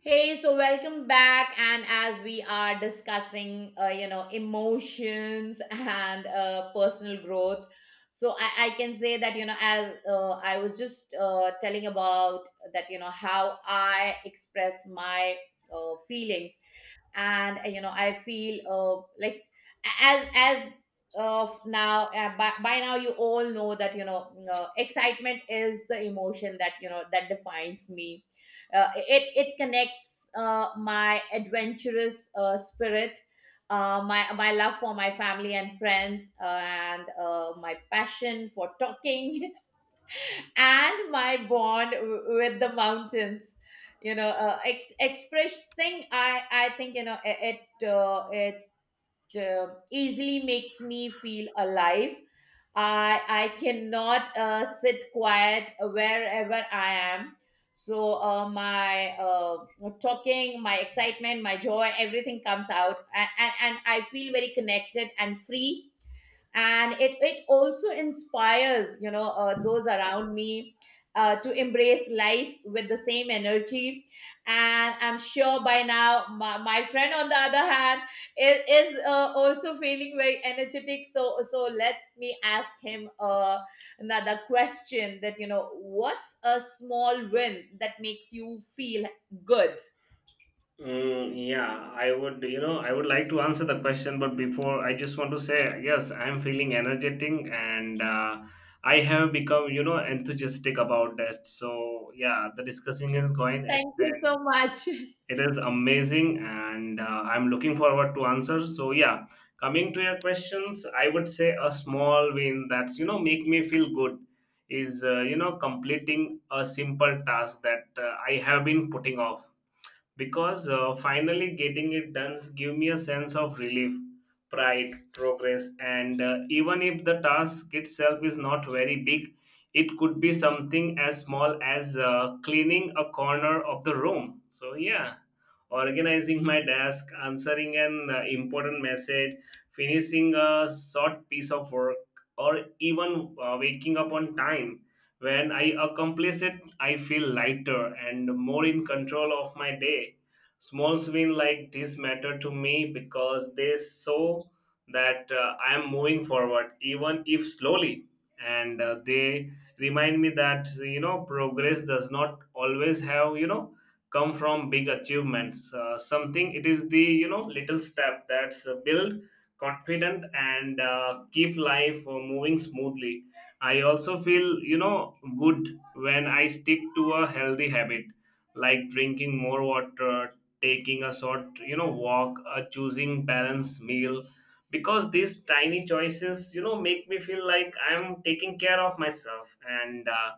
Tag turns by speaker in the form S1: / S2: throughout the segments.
S1: Hey, so welcome back. And as we are discussing, emotions and personal growth, so I can say that, as I was just telling about that, how I express my feelings. And I feel like, as, as, of now, by now you all know that, excitement is the emotion that, that defines me. It connects my adventurous spirit, my love for my family and friends, and my passion for talking, and my bond with the mountains. Expressing, I think, you know it it, it easily makes me feel alive. I cannot sit quiet wherever I am. So my talking, my excitement, my joy, everything comes out, and I feel very connected and free, and it also inspires, those around me, to embrace life with the same energy. And I'm sure by now my friend on the other hand is, also feeling very energetic, so let me ask him, another question, that you know what's a small win that makes you feel good?
S2: Mm, yeah, I would like to answer the question, but before I just want to say, yes, I'm feeling energetic and I have become, enthusiastic about that. So yeah, the discussing is going.
S1: Thank you so much.
S2: It is amazing, and I'm looking forward to answer. So yeah, coming to your questions, I would say a small win that's, make me feel good is, completing a simple task that I have been putting off, because finally getting it done give me a sense of relief, pride, progress. And even if the task itself is not very big, it could be something as small as cleaning a corner of the room. So yeah, organizing my desk, answering an important message, finishing a short piece of work, or even waking up on time. When I accomplish it, I feel lighter and more in control of my day. Small wins like this matter to me because they show that I am moving forward, even if slowly. And they remind me that, progress does not always have, come from big achievements, something it is the little step that's build confident and keep life moving smoothly. I also feel, good when I stick to a healthy habit, like drinking more water, taking a short, walk, choosing balanced meal, because these tiny choices, make me feel like I'm taking care of myself and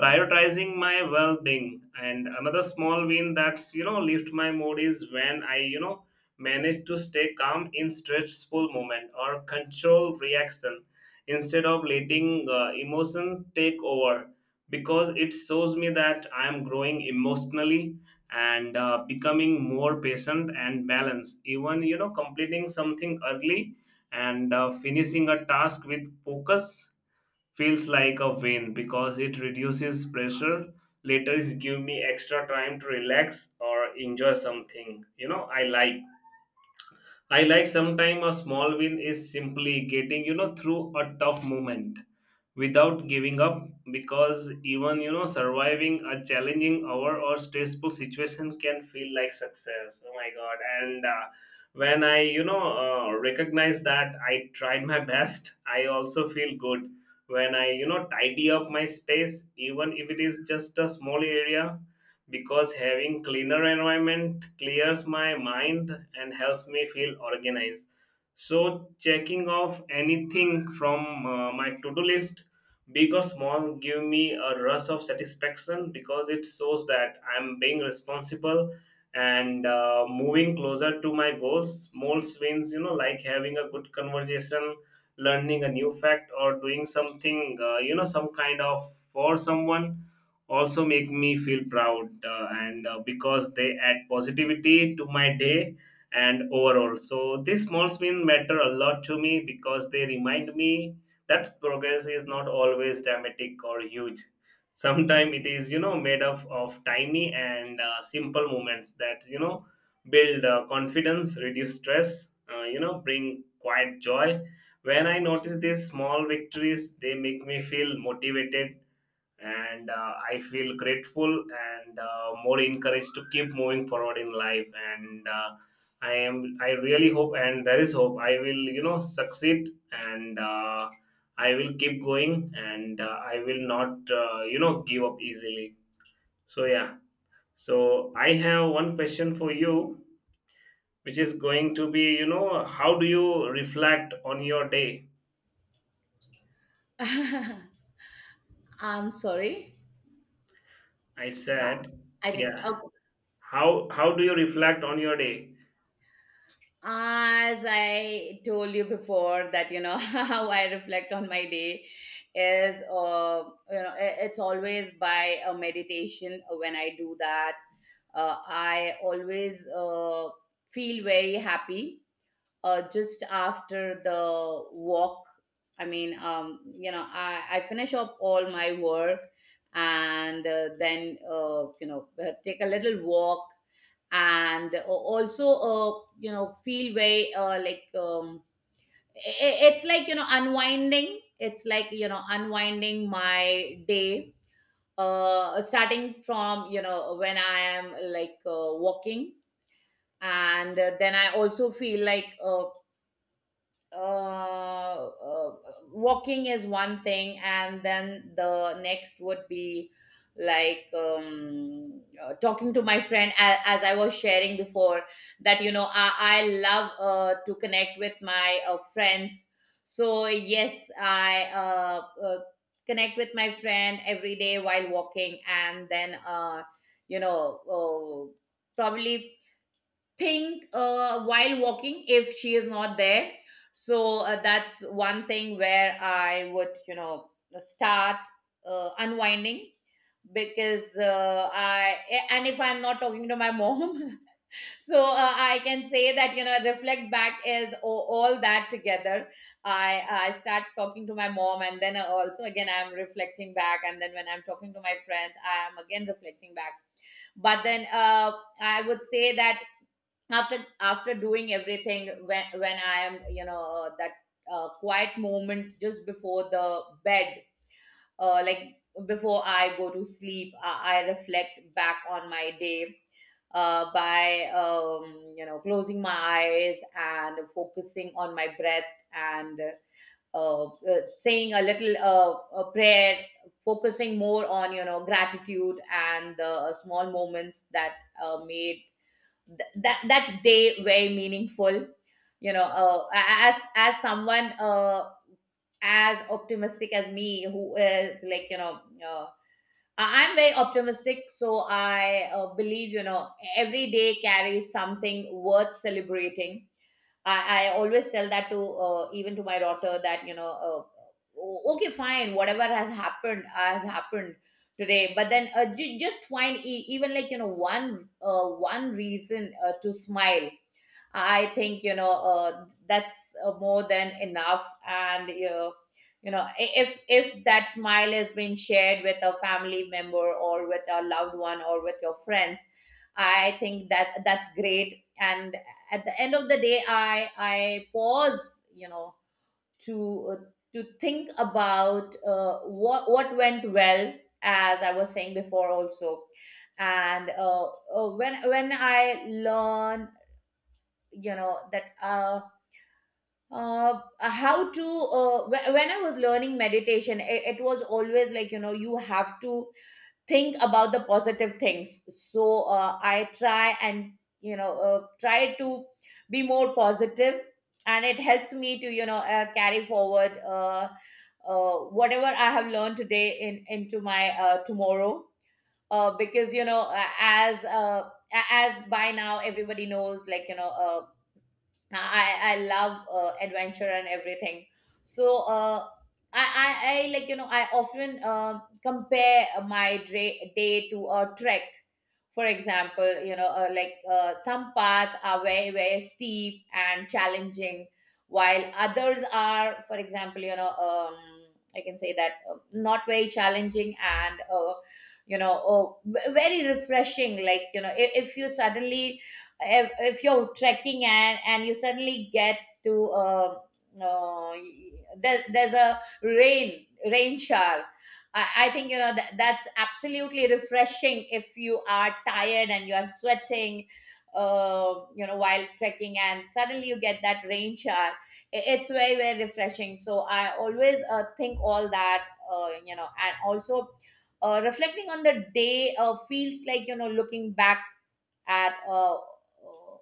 S2: prioritizing my well-being. And another small win that's, lift my mood is when I, manage to stay calm in stressful moment or control reaction, instead of letting emotion take over, because it shows me that I am growing emotionally and becoming more patient and balanced. Even, completing something early and finishing a task with focus feels like a win because it reduces pressure. Later is give me extra time to relax or enjoy something, I like. I like sometime a small win is simply getting, through a tough moment without giving up, because even, surviving a challenging hour or stressful situation can feel like success. Oh my God. And when I, recognize that I tried my best, I also feel good when I, tidy up my space, even if it is just a small area, because having cleaner environment clears my mind and helps me feel organized. So checking off anything from my to-do list, big or small, give me a rush of satisfaction because it shows that I'm being responsible and moving closer to my goals. Small wins, like having a good conversation, learning a new fact, or doing something, some kind of for someone, also make me feel proud, and because they add positivity to my day and overall. So these small wins matter a lot to me because they remind me that progress is not always dramatic or huge. Sometimes it is, made up of tiny and simple moments that, build confidence, reduce stress, bring quiet joy. When I notice these small victories, they make me feel motivated, and I feel grateful and more encouraged to keep moving forward in life. And I really hope, and there is hope I will, succeed, and I will keep going, and I will not give up easily. So yeah, so I have one question for you, which is going to be, how do you reflect on your day?
S1: I'm sorry.
S2: I
S1: Ah,
S2: said.
S1: I didn't.
S2: Yeah.
S1: Okay.
S2: How do you reflect on your day?
S1: As I told you before that, how I reflect on my day is, it's always by a meditation. When I do that, I always feel very happy, just after the walk. I mean, I finish up all my work, and then, take a little walk, and, also, feel very like, it's like, unwinding. It's like, unwinding my day, starting from, when I am like, walking. And then I also feel like, uh, uh, walking is one thing, and then the next would be like, talking to my friend, as I was sharing before, that you know I love to connect with my friends. So yes, I, connect with my friend every day while walking, and then, you know uh, probably think, while walking, if she is not there. So that's one thing where I would, start unwinding, because I and if I'm not talking to my mom, so I can say that, reflect back is all that together. I start talking to my mom, and then I also again I'm reflecting back, and then when I'm talking to my friends, I am again reflecting back. But then, I would say that, after doing everything, when I am, that quiet moment just before the bed, like before I go to sleep, I reflect back on my day, by, closing my eyes and focusing on my breath, and, uh, saying a little, a prayer, focusing more on, gratitude and the small moments that made that that day very meaningful. As as someone, as optimistic as me, who is like, uh, I'm very optimistic, so I believe, every day carries something worth celebrating. I always tell that to, even to my daughter, that, okay, fine, whatever has happened today. But then, just find, even like, one reason to smile. I think, that's more than enough, and, if that smile has been shared with a family member or with a loved one or with your friends, I think that that's great. And at the end of the day, I pause, to, uh, to think about, what went well, as I was saying before, also. And, when I learn, that, how to, when I was learning meditation, it was always like, you have to think about the positive things. So I try, and, try to be more positive, and it helps me to, carry forward, whatever I have learned today in into my tomorrow, because, as by now everybody knows, like, I love adventure and everything. So I like, I often compare my day to a trek. For example, like, some paths are very, very steep and challenging, while others are, for example, I can say that, not very challenging and, oh, very refreshing. Like, if you suddenly, if you're trekking and you suddenly get to, uh, there's a rain shower. I think, that that's absolutely refreshing if you are tired and you are sweating, while trekking, and suddenly you get that rain shower. It's very, very refreshing. So I always think all that, and also, reflecting on the day feels like, looking back at,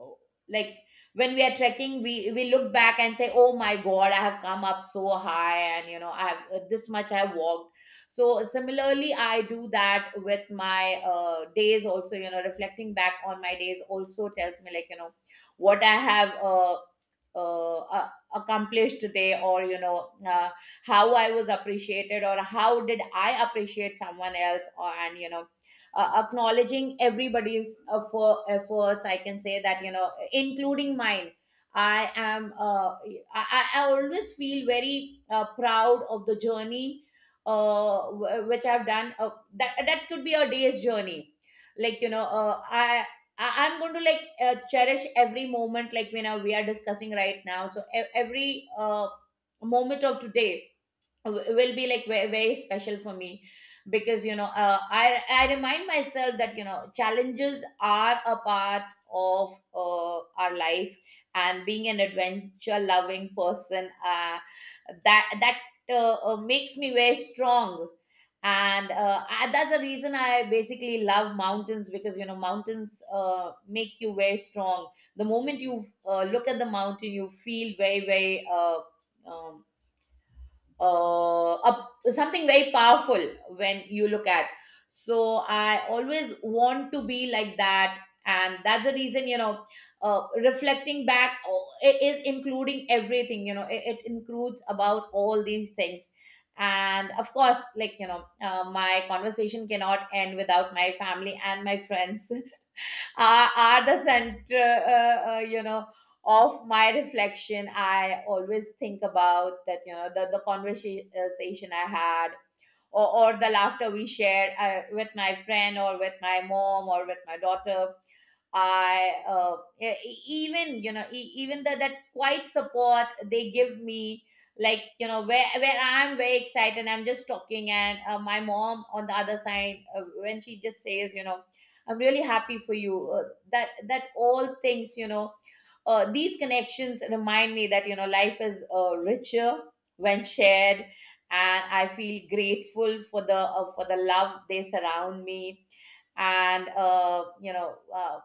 S1: uh, like, when we are trekking, we look back and say, oh my god, I have come up so high, and, I have, this much I walked. So similarly, I do that with my days also. Reflecting back on my days also tells me, like, what I have, uh, uh, accomplished today, or, how I was appreciated, or how did I appreciate someone else, or, and acknowledging everybody's efforts, I can say that, including mine. I am uh, I, I I always feel very proud of the journey, which I've done. That that could be a day's journey, like, I'm going to, like, cherish every moment, like, we are discussing right now. So every moment of today will be like very, very special for me, because, I remind myself that, challenges are a part of our life, and being an adventure loving person, that that makes me very strong. And, that's the reason I basically love mountains, because, mountains make you very strong. The moment you look at the mountain, you feel very, very, um, something very powerful when you look at. So I always want to be like that, and that's the reason. Reflecting back, oh, it is including everything. You know, it includes about all these things, and of course, like, my conversation cannot end without my family and my friends. Are the center, of my reflection. I always think about that, the conversation I had, or, or the laughter we shared with my friend or with my mom or with my daughter. I, even, even that quiet support they give me. Like, where I'm very excited, I'm just talking, and my mom on the other side, when she just says, I'm really happy for you, that that all things, these connections remind me that, life is richer when shared, and I feel grateful for the love they surround me. And, you know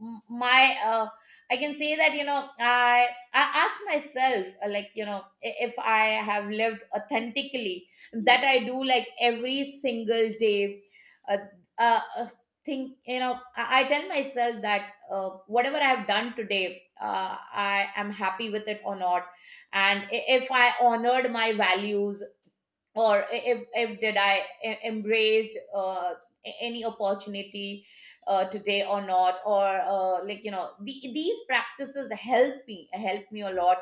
S1: m- my I can say that, I ask myself, like, if I have lived authentically, that I do, like, every single day. uh, uh, uh, think, I tell myself that, whatever I have done today, I am happy with it or not, and, if I honored my values, or, if did I, embraced, any opportunity, today or not, or, like, these practices help me, a lot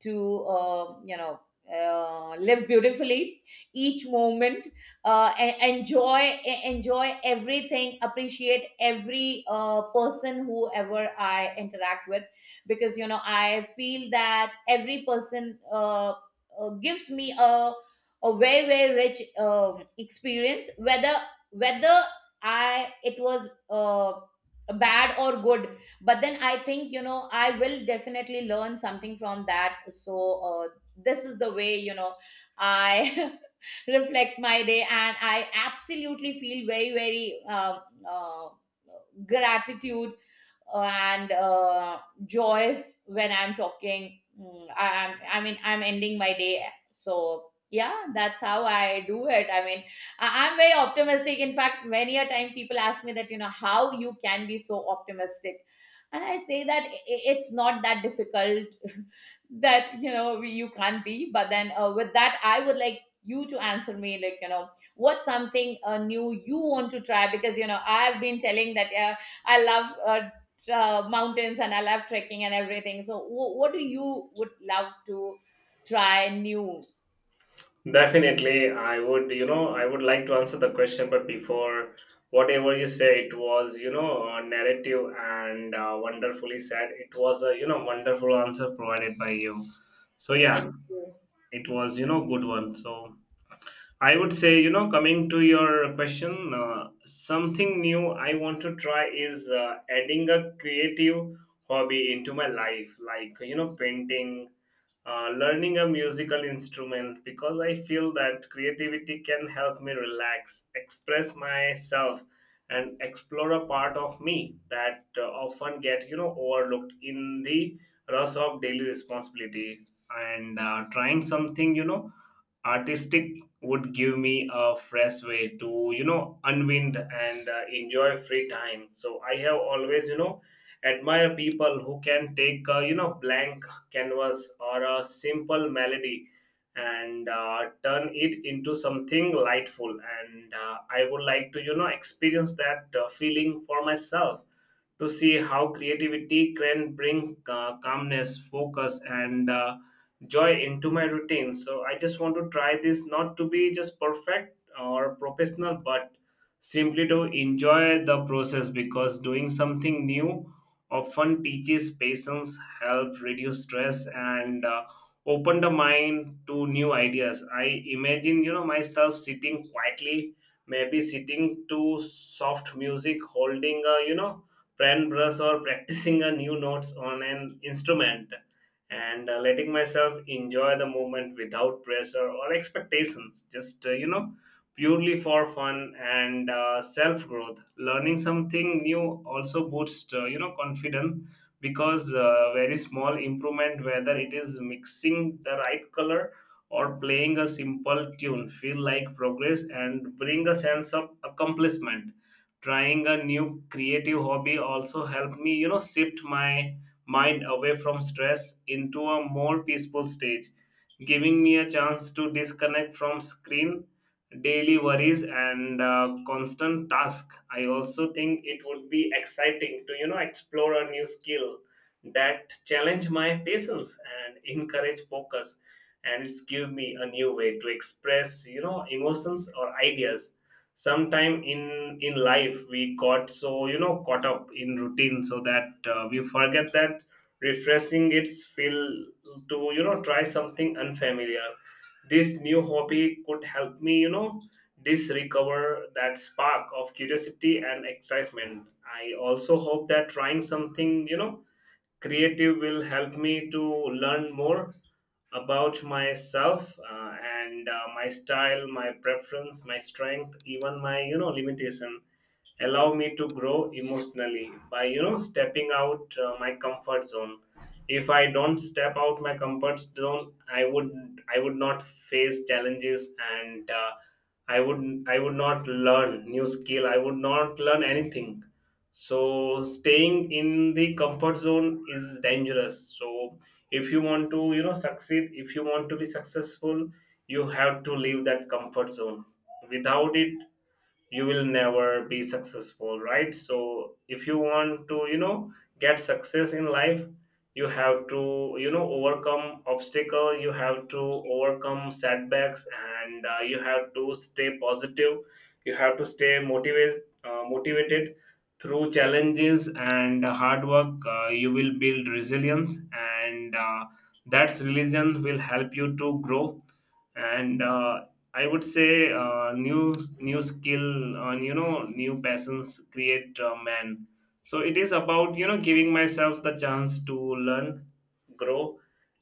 S1: to, uh, you know live beautifully each moment, enjoy, everything, appreciate every person whoever I interact with, because, I feel that every person, gives me a very, very rich, experience, whether I it was, bad or good. But then, I think, I will definitely learn something from that. So, this is the way, I reflect my day, and I absolutely feel very, very, uh, gratitude, and joyous when I'm talking. Mm, I mean, I'm ending my day, so yeah, that's how I do it. I mean, I'm very optimistic. In fact, many a time people ask me that, how you can be so optimistic, and I say that, it's not that difficult. That, you can't be. But then, with that, I would like you to answer me, like, what's something new you want to try, because, I've been telling that, I love, mountains, and I love trekking and everything. So, what do you would love to try new?
S2: Definitely, I would, I would like to answer the question, but before, whatever you say, it was, narrative and wonderfully said. It was a, wonderful answer provided by you. So, yeah,
S1: Thank you.
S2: it was, good one. So, I would say, coming to your question, something new I want to try is adding a creative hobby into my life, like, painting, learning a musical instrument, because I feel that creativity can help me relax, express myself, and explore a part of me that often get, overlooked in the rush of daily responsibility. And trying something, artistic, would give me a fresh way to, unwind and enjoy free time. So I have always, admire people who can take, blank canvas or a simple melody, and turn it into something lightful, and I would like to, experience that feeling for myself, to see how creativity can bring calmness, focus, and joy into my routine. So I just want to try this not to be just perfect or professional, but simply to enjoy the process, because doing something new often teaches patience, helps reduce stress, and open the mind to new ideas. I imagine, myself sitting quietly, maybe sitting to soft music, holding a, brand brush or practicing a new notes on an instrument, and letting myself enjoy the moment without pressure or expectations, just, purely for fun and self growth. Learning something new also boosts, confidence, because very small improvement, whether it is mixing the right color or playing a simple tune, feel like progress and bring a sense of accomplishment. Trying a new creative hobby also helped me, shift my mind away from stress into a more peaceful stage, giving me a chance to disconnect from screen, daily worries, and constant task. I also think it would be exciting to, explore a new skill that challenge my patience and encourage focus, and it's give me a new way to express, emotions or ideas. Sometime in life we got so, caught up in routine, so that we forget that refreshing its feel to, try something unfamiliar. This new hobby could help me, this recover that spark of curiosity and excitement. I also hope that trying something, creative, will help me to learn more about myself, and my style, my preference, my strength, even my, limitation, allow me to grow emotionally by, stepping out my comfort zone. If I don't step out my comfort zone, I would not face challenges, and i would I would not learn new skill. I would not learn anything. So staying in the comfort zone is dangerous. So if you want to, succeed, if you want to be successful, you have to leave that comfort zone. Without it, you will never be successful, right? So if you want to, get success in life, you have to, overcome obstacle, you have to overcome setbacks, and you have to stay positive, you have to stay motivated, motivated through challenges. And hard work, you will build resilience, and that religion will help you to grow. And I would say new skill and, new passions create man. So it is about, giving myself the chance to learn, grow,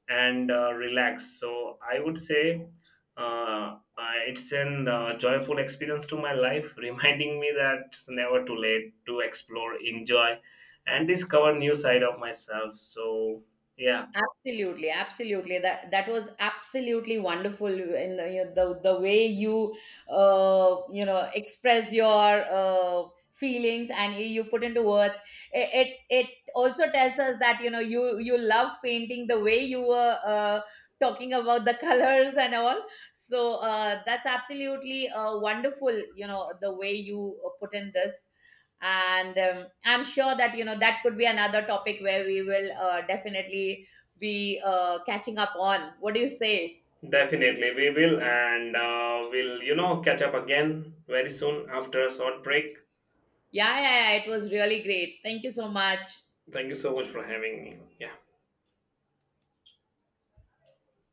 S2: and relax. So I would say it's an joyful experience to my life, reminding me that it's never too late to explore, enjoy, and discover new side of myself. So yeah.
S1: Absolutely, absolutely. That was absolutely wonderful in the, the way you, you know express your uh, feelings, and you put into words. It also tells us that, you love painting, the way you were, talking about the colors and all. So that's absolutely wonderful, you know, the way you put in this. And, I'm sure that, that could be another topic where we will definitely be catching up on. What do you say?
S2: Definitely, we will, and we'll, catch up again very soon after a short break.
S1: Yeah, yeah, yeah, it was really great. Thank you so much.
S2: Thank you so much for having me. Yeah.